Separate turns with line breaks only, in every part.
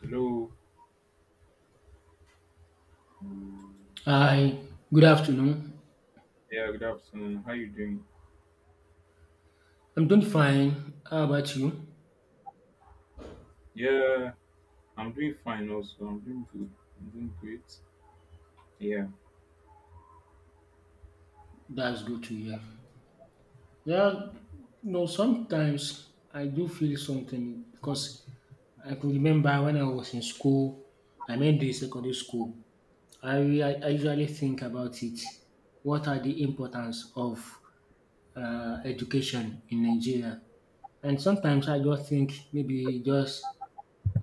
Hello.
Hi, good afternoon.
Yeah, good afternoon. How you doing?
I'm doing fine. How about you?
Yeah, I'm doing fine also. I'm doing good. I'm doing great. Yeah.
That's good to hear. Yeah, sometimes I do feel something because I could remember when I was in school, I mean the secondary school. I usually think about it. What are the importance of education in Nigeria? And sometimes I just think maybe just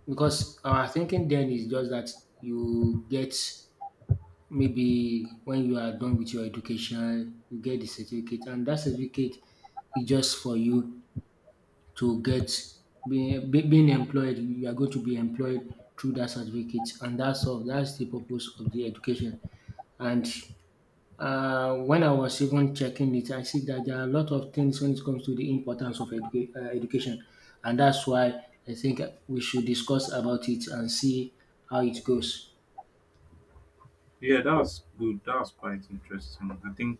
because our thinking then is just that you get. Maybe when you are done with your education, you get the certificate, and that certificate is just for you to get being employed. You are going to be employed through that certificate, and that's all. That's the purpose of the education. And when I was even checking it, I see that there are a lot of things when it comes to the importance of education, and that's why I think we should discuss about it and see how it goes.
Yeah, that was good. That was quite interesting. I think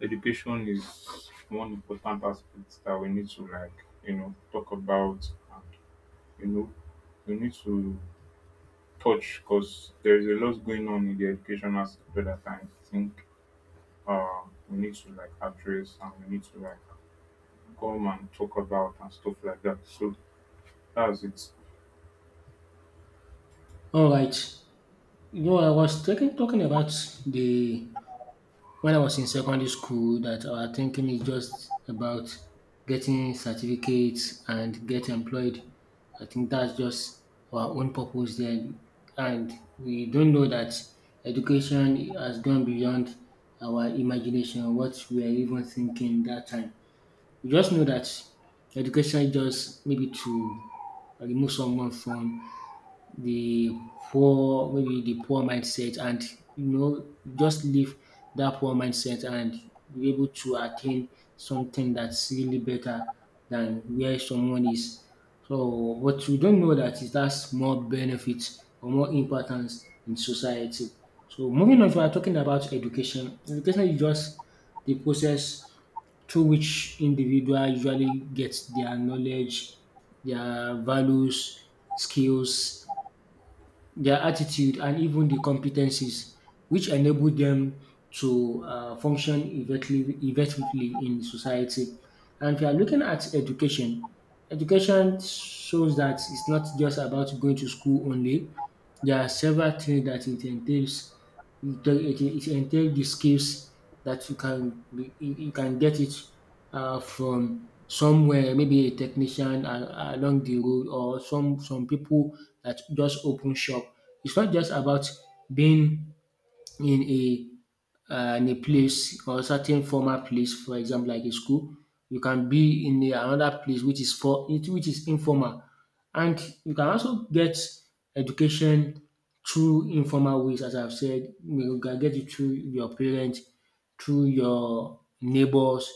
education is one important aspect that we need to talk about and you know, we need to touch because there's a lot going on in the educational sector that I think uh we need to like address and we need to like come and talk about and stuff like that. So that's it.
All right. No, I was talking about the when I was in secondary school that our thinking is just about getting certificates and get employed. I think that's just our own purpose there, and we don't know that education has gone beyond our imagination, what we are even thinking that time. We just know that education is just maybe to remove someone from the poor, maybe the poor mindset, and just leave that poor mindset and be able to attain something that's really better than where someone is. So but we don't know that it has more benefits or more importance in society. So moving on, if we are talking about education, education is just the process through which individual usually gets their knowledge, their values, skills, their attitude and even the competencies which enable them to function effectively in society. And if you are looking at education, education shows that it's not just about going to school only. There are several things that it entails. It entails the skills that you can get it from somewhere, maybe a technician along the road, or some people that just open shop. It's not just about being in a in a place or certain formal place, for example, like a school. You can be in a another place which is for which is informal, and you can also get education through informal ways, as I've said. You can get it through your parents, through your neighbors,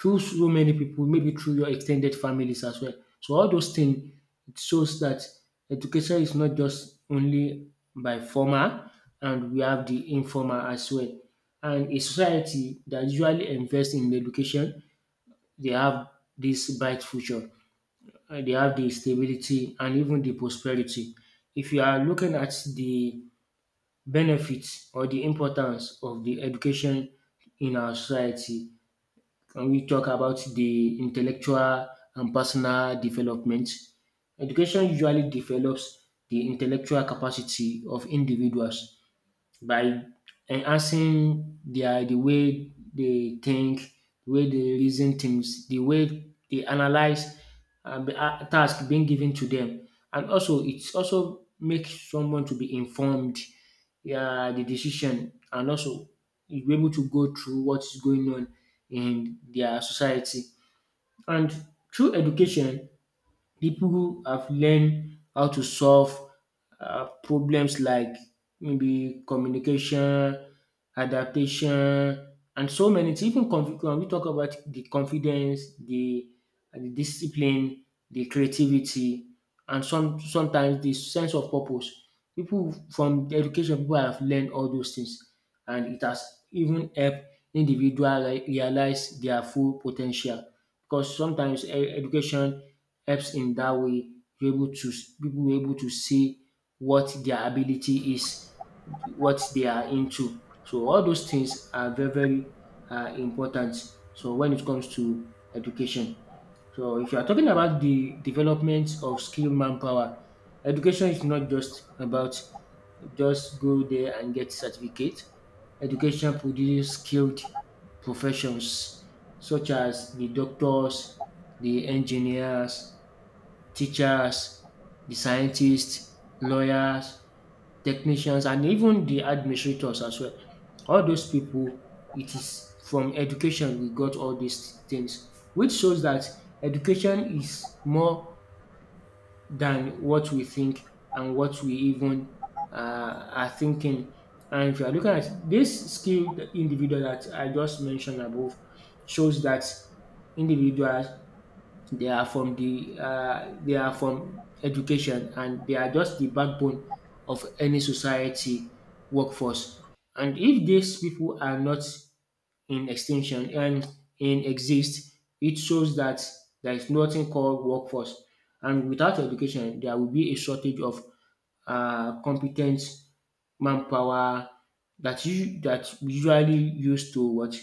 through so many people, maybe through your extended families as well. So all those things, it shows that education is not just only by formal, and we have the informal as well, and a society that usually invests in education, they have this bright future, they have the stability and even the prosperity. If you are looking at the benefits or the importance of the education in our society, and we talk about the intellectual and personal development, education usually develops the intellectual capacity of individuals by enhancing the way they think, the way they reason things, the way they analyze the task being given to them, and also it also makes someone to be informed, yeah, the decision, and also be able to go through what is going on in their society. And through education, people who have learned how to solve problems like maybe communication, adaptation and so many things. Even confi when we talk about the confidence, the discipline, the creativity and sometimes the sense of purpose. People from the education, people have learned all those things and it has even helped individual realize their full potential, because sometimes education helps in that way. You're able to People were able to see what their ability is, what they are into. So all those things are very important. So when it comes to education, so if you are talking about the development of skilled manpower, education is not just about just go there and get certificate. Education produces skilled professions such as the doctors, the engineers, teachers, the scientists, lawyers, technicians, and even the administrators as well. All those people, it is from education we got all these things, which shows that education is more than what we think and what we even are thinking. And if you are looking at this skilled individual that I just mentioned above, shows that individuals, they are from the they are from education and they are just the backbone of any society workforce. And if these people are not in extinction and in exist, it shows that there is nothing called workforce. And without education, there will be a shortage of competent manpower that you that we usually used to what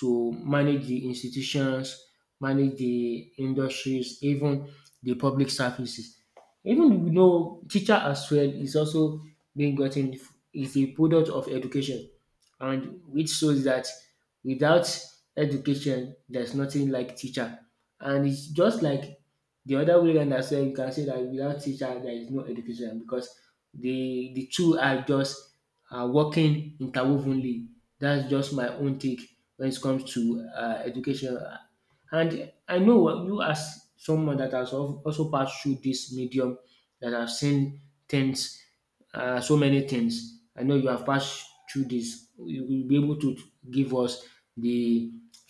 to manage the institutions, manage the industries, even the public services. Even you know teacher as well is also is a product of education, and which shows that without education there's nothing like teacher. And it's just like the other way round as well. You can say that without teacher there is no education, because the two are just are working interwovenly. That's just my own take when it comes to education. And I know you as someone that has al also passed through this medium, that have seen things, so many things. I know you have passed through this. You will be able to give us the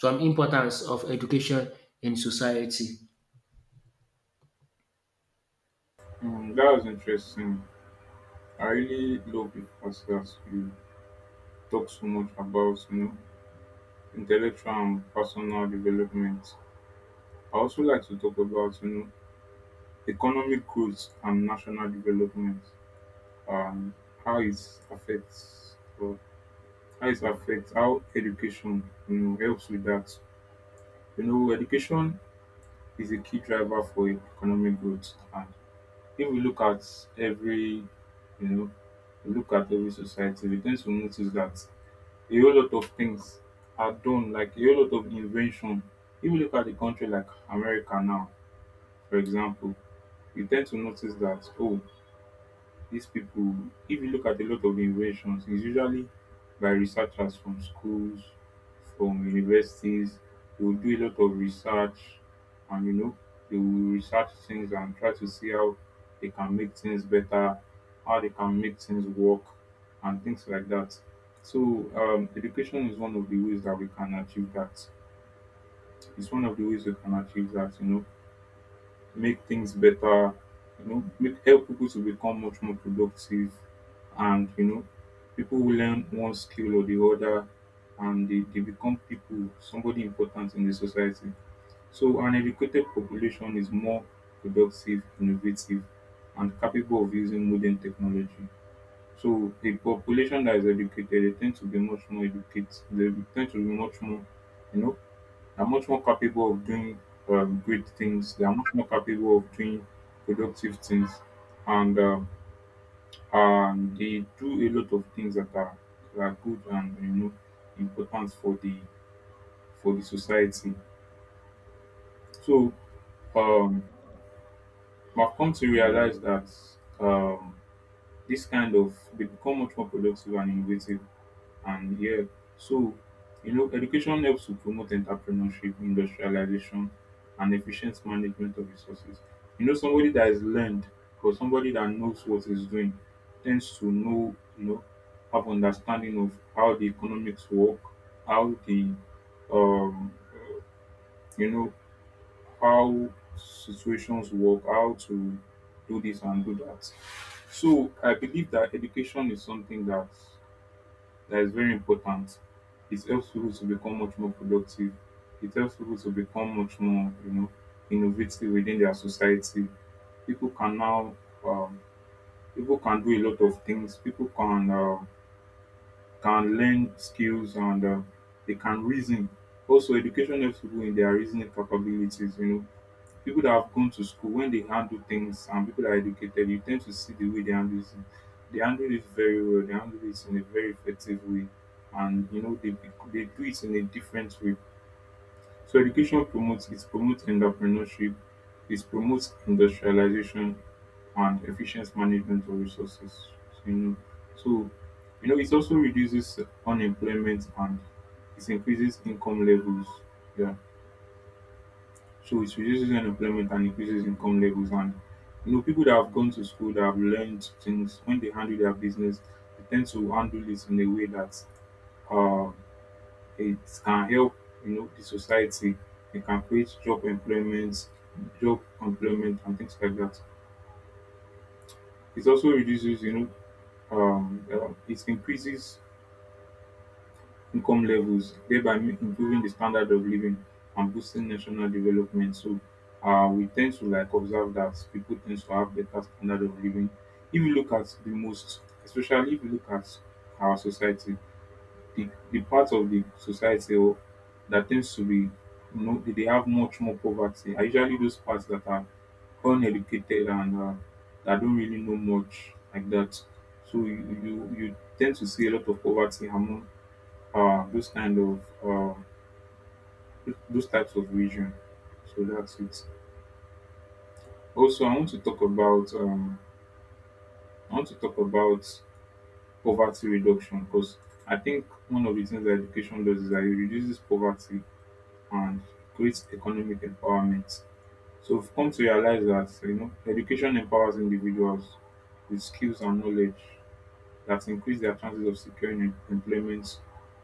some importance of education in society.
That was interesting. I really love the fact that you talk so much about intellectual and personal development. I also like to talk about economic growth and national development and how it affects or how it affects how education helps with that. You know, education is a key driver for economic growth if we look at every you know we look at every society. We tend to notice that a whole lot of things are done like a whole lot of invention. If we look at a country like America now, for example, we tend to notice that, oh, these people, if you look at a lot of inventions, it's usually by researchers from schools from universities. They will do a lot of research, and you know, they will research things and try to see how they can make things better, how they can make things work, and things like that. So education is one of the ways that we can achieve that. It's one of the ways we can achieve that. You know, make things better, make help people to become much more productive, and you know, people who learn one skill or the other and they become people, somebody important in the society. So an educated population is more productive, innovative, and capable of using modern technology. So a population that is educated, they tend to be much more educated. They tend to be much more, you know, are much more capable of doing great things. They are much more capable of doing productive things, and they do a lot of things that are good and you know important for the society. So um, I've come to realize that. Um, this kind of they become much more productive and innovative, and yeah, so you know education helps to promote entrepreneurship, industrialization, and efficient management of resources. You know, somebody that has learned or somebody that knows what he's doing tends to know, you know, have understanding of how the economics work, how the um you know how situations work, how to do this and do that. So I believe that education is something that is very important. It helps people to become much more productive. It helps people to become much more, you know, innovative within their society. People can now, um, people can do a lot of things. People can learn skills, and they can reason. Also, education helps people in their reasoning capabilities. You know, people that have gone to school, when they handle things, and people that are educated, you tend to see the way they handle it. They handle it very well, they handle it in a very effective way, and you know they do it in a different way. So education promotes, it promotes entrepreneurship, it promotes industrialization, and efficient management of resources. So, you know, so you know it also reduces unemployment and it increases income levels. Yeah, so it reduces unemployment and increases income levels. And you know, people that have gone to school, that have learned things, when they handle their business, they tend to handle it in a way that uh, it can help, you know, the society. It can create job employment, and things like that. It also reduces, you know, it increases income levels, thereby improving the standard of living and boosting national development. So we tend to like observe that people tend to have better standard of living. If you look at the most, especially if you look at our society, the part of the society that tends to be, you know, they have much more poverty are usually those parts that are uneducated and that don't really know much like that. So you tend to see a lot of poverty among those kind of those types of region. So that's it. Also, I want to talk about I want to talk about poverty reduction, because I think one of the things that education does is that it reduces poverty and creates economic empowerment. So we've come to realize that you know education empowers individuals with skills and knowledge that increase their chances of securing employment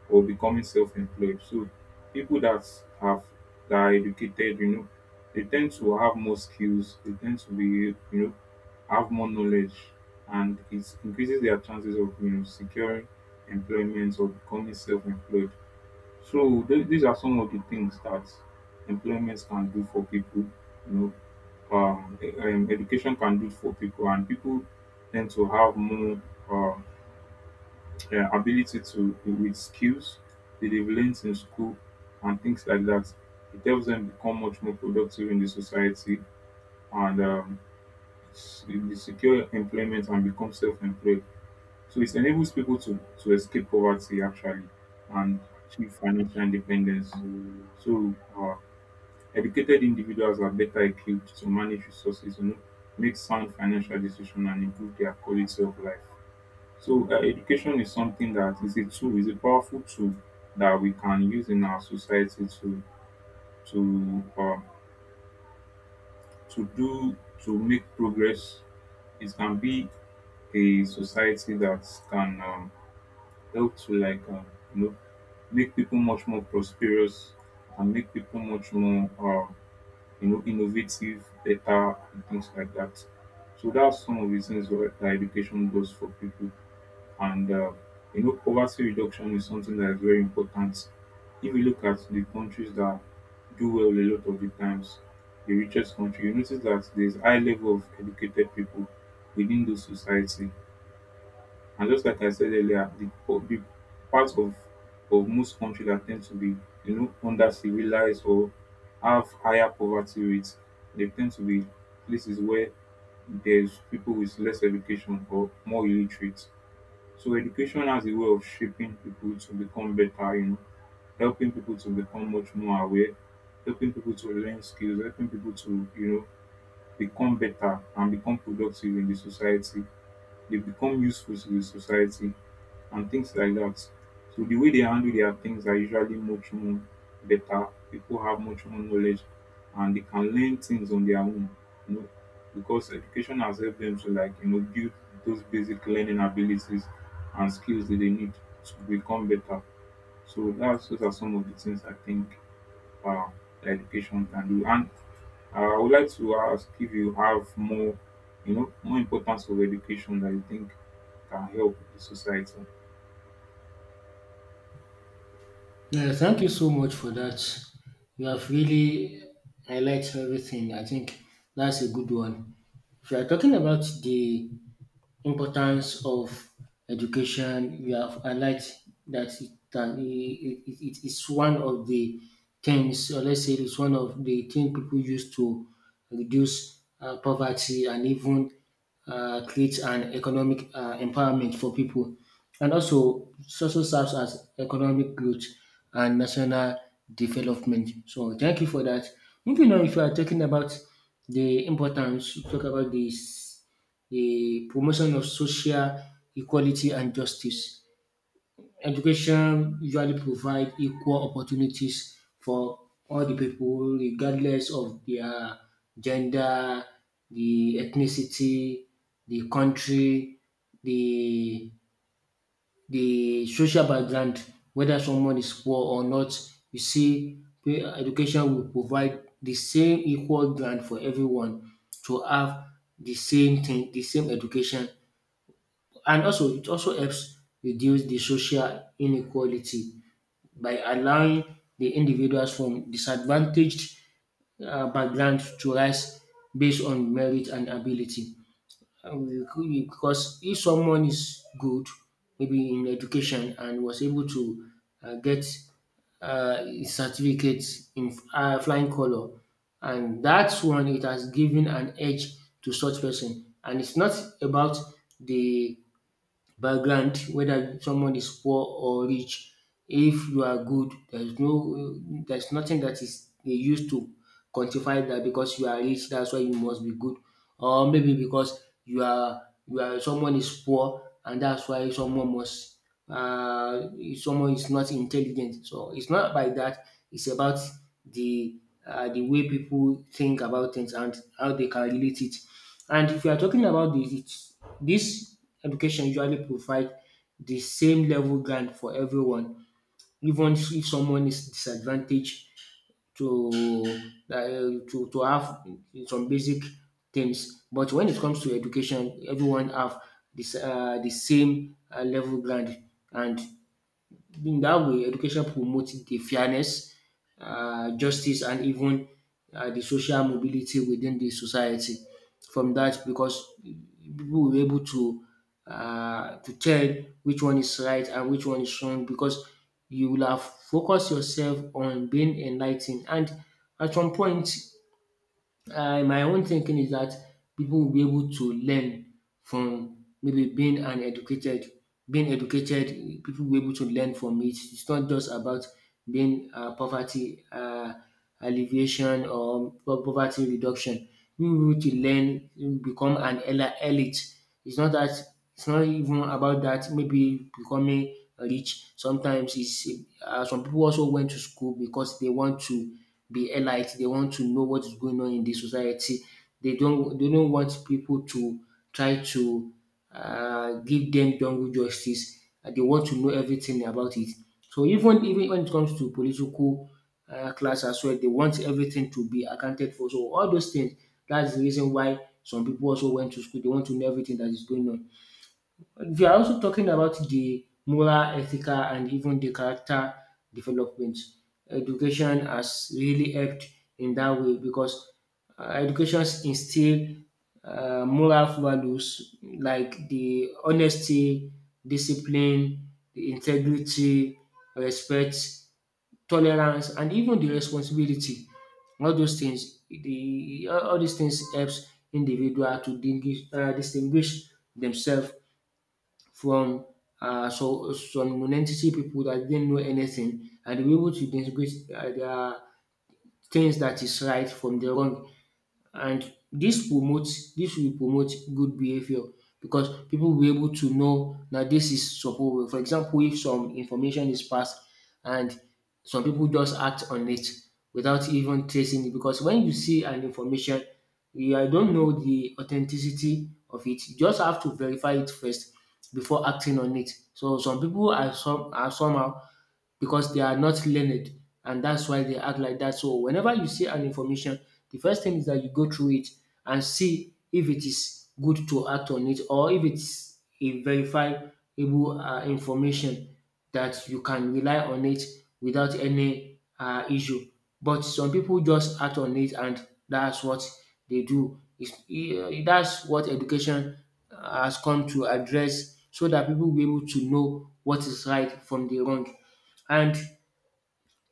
or becoming self-employed. So people have that are educated, you know, they tend to have more skills, they tend to be, you know, have more knowledge, and it increases their chances of you know securing employment or becoming self-employed. So these are some of the things that employment can do for people, you know, education can do for people, and people tend to have more um, yeah, ability to with skills that they've learned in school and things like that. It helps them become much more productive in the society, and they secure employment and become self-employed. So it enables people to escape poverty actually and achieve financial independence. So educated individuals are better equipped to manage resources, you know, make sound financial decisions and improve their quality of life. So education is something that is a tool, is a powerful tool that we can use in our society to uh, to do to make progress. It can be a society that can help to like you know make people much more prosperous and make people much more you know innovative, better, and things like that. So that's some of the things that education does for people. And you know, poverty reduction is something that is very important. If you look at the countries that do well a lot of the times, the richest country, you notice that there's high level of educated people within those society. And just like I said earlier, the, po- the part of most countries that tend to be, you know, under civilized or have higher poverty rates, they tend to be places where there's people with less education or more illiterate. So education has a way of shaping people to become better, you know, helping people to become much more aware, helping people to learn skills, helping people to, you know, become better and become productive in the society. They become useful to the society and things like that. So the way they handle their things are usually much more better. People have much more knowledge and they can learn things on their own, you know, because education has helped them to like, you know, build those basic learning abilities and skills that they need to become better. So that's those are some of the things I think uh, that education can do. And I would like to ask if you have more, you know, more importance of education that you think can help the society.
Yeah, thank you so much for that. You have really highlighted everything. I think that's a good one. If you are talking about the importance of education. We have highlighted that it can it, it, it is one of the things, or let's say it's one of the things people use to reduce poverty and even create an economic empowerment for people. And also, it also serves as economic growth and national development. So, thank you for that. Moving on, if you are talking about the importance, you talk about this, the promotion of social equality and justice. Education usually provide equal opportunities for all the people regardless of their gender, the ethnicity, the country, the the social background, whether someone is poor or not. You see, education will provide the same equal ground for everyone to have the same thing, the same education. And also, it also helps reduce the social inequality by allowing the individuals from disadvantaged backgrounds to rise based on merit and ability. And because if someone is good, maybe in education, and was able to get a certificate in flying color, and that's one, it has given an edge to such person. And it's not about the background, whether someone is poor or rich. If you are good, there's nothing that is they used to quantify that because you are rich, that's why you must be good, or maybe because you are someone is poor and that's why someone must uh someone is not intelligent. So it's not by that. It's about the the way people think about things and how they can relate it. And if you are talking about this, education usually provide the same level ground for everyone, even if someone is disadvantaged to uh, to have some basic things. But when it comes to education, everyone have this the same level ground, and in that way education promotes the fairness, justice and even the social mobility within the society. From that, because people will be able to tell which one is right and which one is wrong, because you will have focus yourself on being enligh and at some point my own thinking is that people will be able to learn from maybe being educated, people will be able to learn from it. It's not just about being poverty alleviation or poverty reduction. We will be able to learn, become an elite. it's not that it's not even about that maybe becoming rich. Sometimes it's some people also went to school because they want to be elite. They want to know what is going on in the society. They don't want people to try to give them jungle justice. They want to know everything about it. So even when it comes to political class as well, they want everything to be accounted for. So all those things, that's the reason why some people also went to school. They want to know everything that is going on. We are also talking about the moral, ethical, and even the character development. Education has really helped in that way because education instill moral values like the honesty, discipline, the integrity, respect, tolerance, and even the responsibility. All those things, the all these things helps individual to distinguish themselves from some non-entity people that didn't know anything, and they were able to distinguish their things that is right from the wrong. And this will promote good behavior, because people will be able to know that this is suppose well. For example, if some information is passed and some people just act on it without even tracing it. Because when you see an information, you I don't know the authenticity of it, you just have to verify it first before acting on it. So some people are, some are somehow because they are not learned, and that's why they act like that. So whenever you see an information, the first thing is that you go through it and see if it is good to act on it, or if it's a verifiable information that you can rely on it without any issue. But some people just act on it, and that's what they do. That's what education has come to address, so that people will be able to know what is right from the wrong. And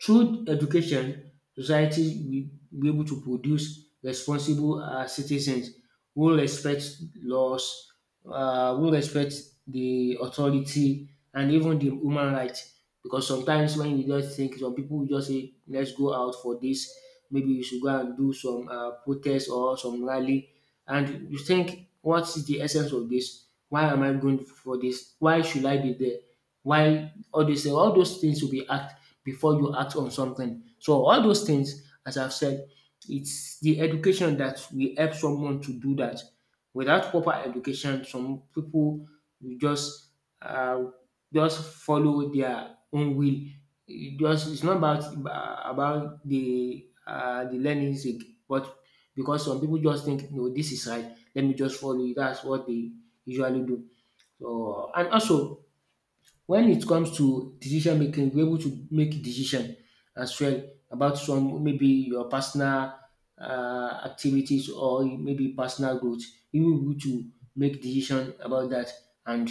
through education, society will be able to produce responsible citizens who respect laws, who respect the authority, and even the human rights. Because sometimes when you just think, some people will just say, let's go out for this. Maybe you should go and do some protest or some rally, and you think, what is the essence of this? Why am I going for this? Why should I be there? Why all those things will be act before you act on something. So all those things, as I've said, it's the education that will help someone to do that. Without proper education, some people will uh, just follow their own will. It's not about about the learning sake, but because some people just think, no, this is right, let me just follow it, that's what they usually do. So, and also, when it comes to decision making, you're able to make decision as well about some, maybe your personal activities, or maybe personal growth. You will be able to make decision about that. And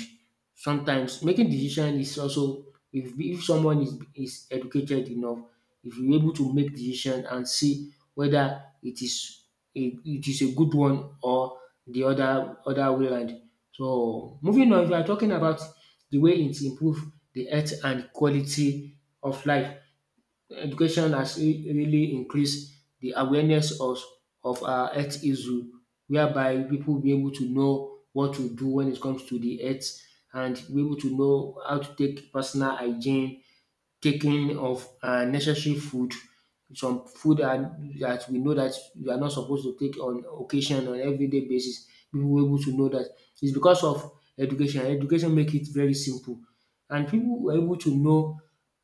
sometimes making decision is also, if someone is educated enough, if you're able to make decision and see whether it is a good one, or the other way around. So moving on, if you are talking about the way it improve the health and quality of life, education has really increased the awareness of our health issue, whereby people be able to know what to do when it comes to the health, and be able to know how to take personal hygiene, taking of necessary food, some food that we know that we are not supposed to take on occasion on everyday basis. People were able to know that. It's because of education. Education make it very simple. And people were able to know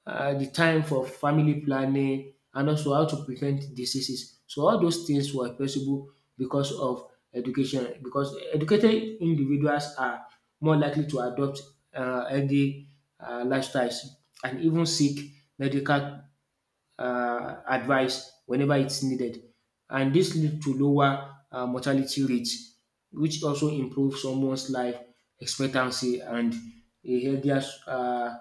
the time for family planning, and also how to prevent diseases. So all those things were possible because of education. Because educated individuals are more likely to adopt healthy lifestyles, and even seek medical advice whenever it's needed. And this leads to lower mortality rates, which also improves someone's life expectancy and a healthier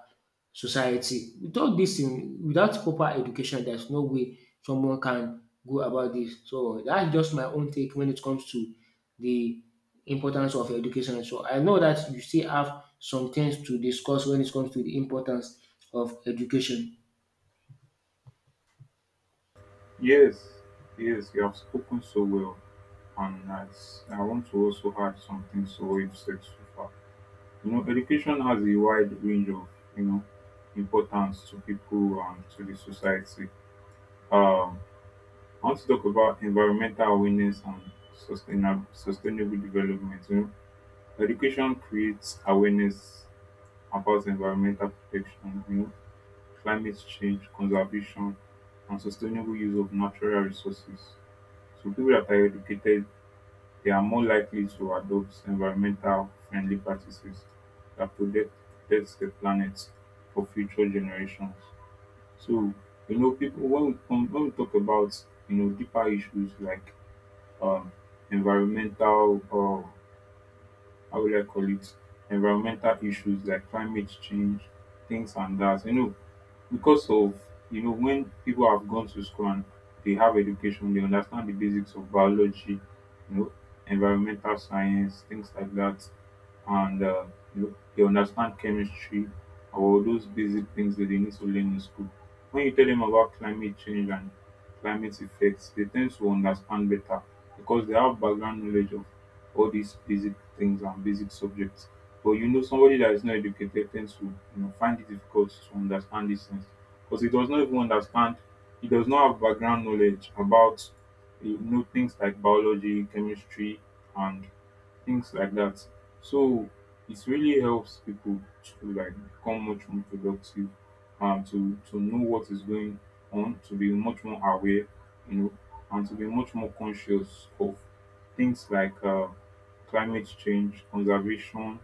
society. Without this, without proper education, there's no way someone can go about this. So that's just my own take when it comes to the importance of education. So I know that you still have some things to discuss when it comes to the importance of education.
Yes, yes, you have spoken so well, and as I want to also add something to what you've said so far. You know, education has a wide range of, you know, importance to people and to the society. Um, I want to talk about environmental awareness and sustainable development. You know, education creates awareness about environmental protection, you know, climate change, conservation, and sustainable use of natural resources. So people that are educated, they are more likely to adopt environmental friendly practices that protects the planet for future generations. So you know, people when we talk about you know deeper issues like um, environmental how will I call it, environmental issues like climate change, things and that. You know, because of you know when people have gone to school and they have education, they understand the basics of biology, you know, environmental science, things like that, and they understand chemistry or those basic things that they need to learn in school. When you tell them about climate change and climate effects, they tend to understand better because they have background knowledge of all these basic things and basic subjects. But you know, somebody that is not educated tends to find it difficult to understand these things because he does not have background knowledge about you know things like biology, chemistry, and things like that. So it really helps people to like become much more productive and to know what is going on, to be much more aware, you know, and to be much more conscious of things like climate change, conservation,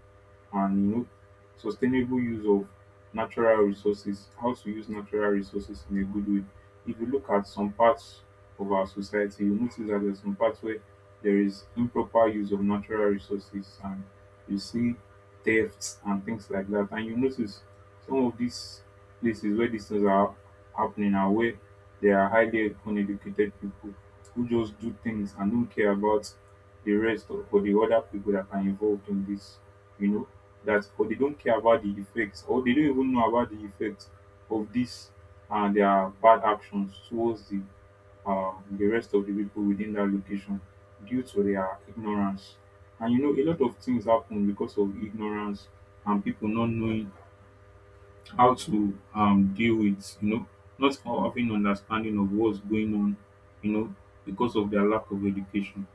and you know, sustainable use of natural resources. How to use natural resources in a good way if you look at some parts of our society, you notice that there's some parts where there is improper use of natural resources and you see thefts and things like that. And you notice some of these places where these things are happening are where there are highly uneducated people who just do things and don't care about the rest or the other people that are involved in this, you know, that or they don't care about the effects or they don't even know about the effects of this and their bad actions towards the rest of the people within that location due to their ignorance. And you know, a lot of things happen because of ignorance and people not knowing how to deal with, you know, not having understanding of what's going on, you know, because of their lack of education.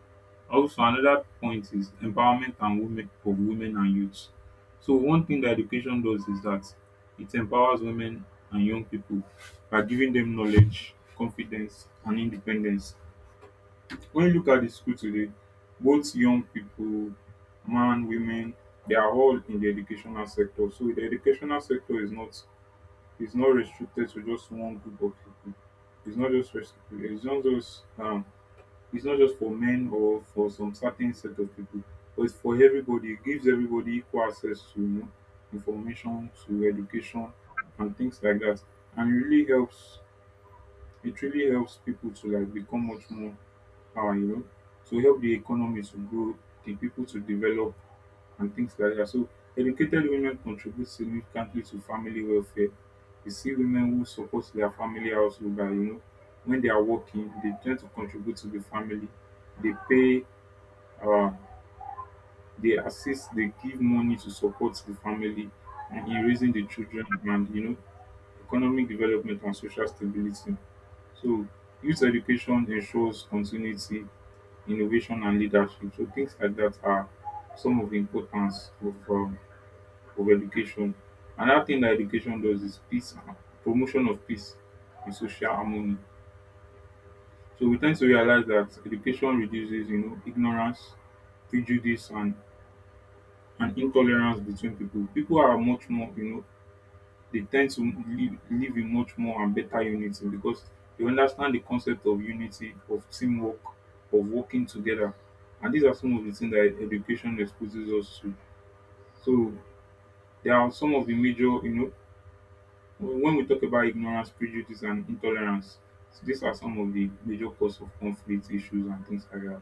Also, another point is empowerment and women of women and youths. So, one thing that education does is that it empowers women and young people by giving them knowledge, confidence, and independence when you look at the school today, both young people, man, women, they are all in the educational sector. So the educational sector is not restricted to just one group of people. It's not just rest- it's not just it's not just for men or for some certain set of people, but it's for everybody. It gives everybody equal access to you know, information, to education, and things like that, and it really helps people to like become much more power, you know, to help the economy to grow, the people to develop, and things like that. So, educated women contribute significantly to family welfare. You see women who support their family also by, you know, when they are working, they tend to contribute to the family. They pay, uh, they assist, they give money to support the family and in raising the children and, you know, economic development and social stability. So youth education ensures continuity, innovation and leadership. So things like that are some of the importance of education. Another thing that education does is peace, promotion of peace and social harmony. So we tend to realize that education reduces, you know, ignorance, prejudice and intolerance between people. People are much more, you know, they tend to live in much more and better unity because they understand the concept of unity, of teamwork, of working together. And these are some of the things that education exposes us to. So there are some of the major, you know, when we talk about ignorance, prejudice, and intolerance, these are some of the major cause of conflict issues and things like that.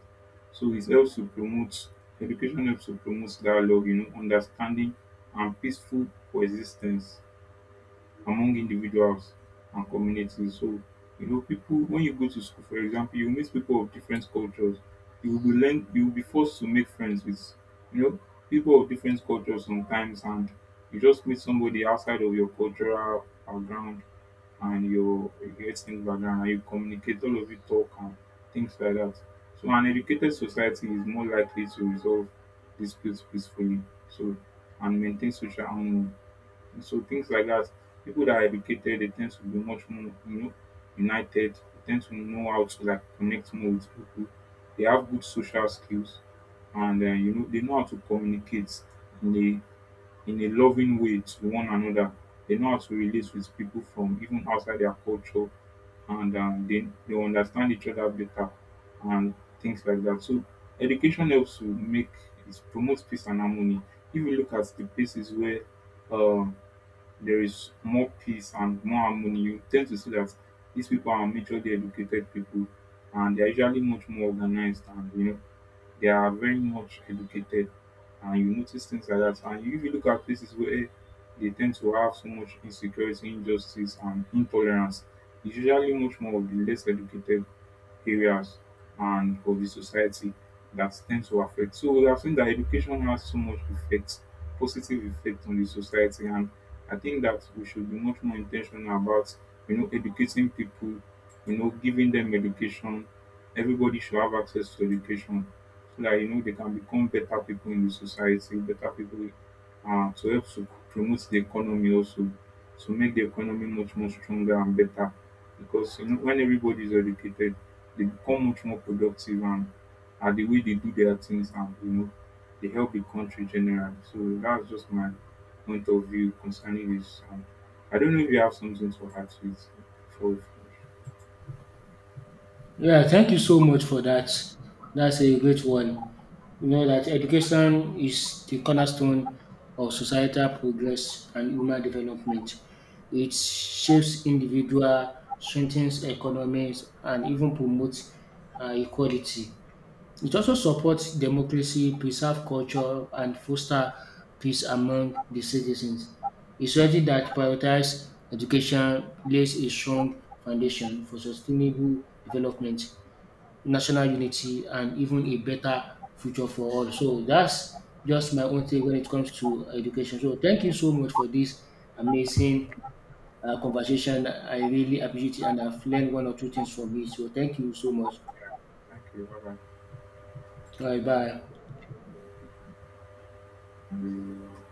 So it helps to promote education helps to promote dialogue, you know, understanding and peaceful coexistence among individuals and communities. So, you know, people, when you go to school, for example, you meet people of different cultures. You will be forced to make friends with, you know, people of different cultures sometimes, and you just meet somebody outside of your cultural background and your ethnic background, and you communicate. All of you talk and things like that. So, an educated society is more likely to resolve disputes peacefully. So, and maintain social harmony so things like that. People that are educated, they tend to be much more, you know, united. They tend to know how to like connect more with people. They have good social skills, and you know, they know how to communicate in a in a loving way to one another. They know how to relate with people from even outside their culture, and they understand each other better, and things like that. So education helps to make it promotes peace and harmony. If you look at the places where um there is more peace and more harmony. You tend to see that these people are majorly educated people and they're usually much more organized and you know they are very much educated and you notice things like that. And if you look at places where they tend to have so much insecurity, injustice and intolerance, it's usually much more of the less educated areas and of the society that tends to affect. So we have seen that education has so much effect, positive effect on the society, and I think that we should be much more intentional about you know educating people, you know giving them education. Everybody should have access to education so that you know they can become better people in the society, better people to help to promote the economy also to make the economy much more stronger and better because you know when everybody is educated they become much more productive and at the way they do their things and you know they help the country generally. So that's just my point of view concerning this. And I don't know if you have something to add to it before we finish.
Yeah, thank you so much for that. That's a great one. You know that education is the cornerstone of societal progress and human development. It shapes individual, strengthens economies, and even promotes equality. It also supports democracy, preserve culture, and foster peace among the citizens. A society that prioritizes education lays a strong foundation for sustainable development, national unity, and even a better future for all. So that's just my own take when it comes to education. So thank you so much for this amazing conversation. I really appreciate it, and I've learned one or two things from it. So thank you so much.
Thank you. Bye
All right, bye.
bye.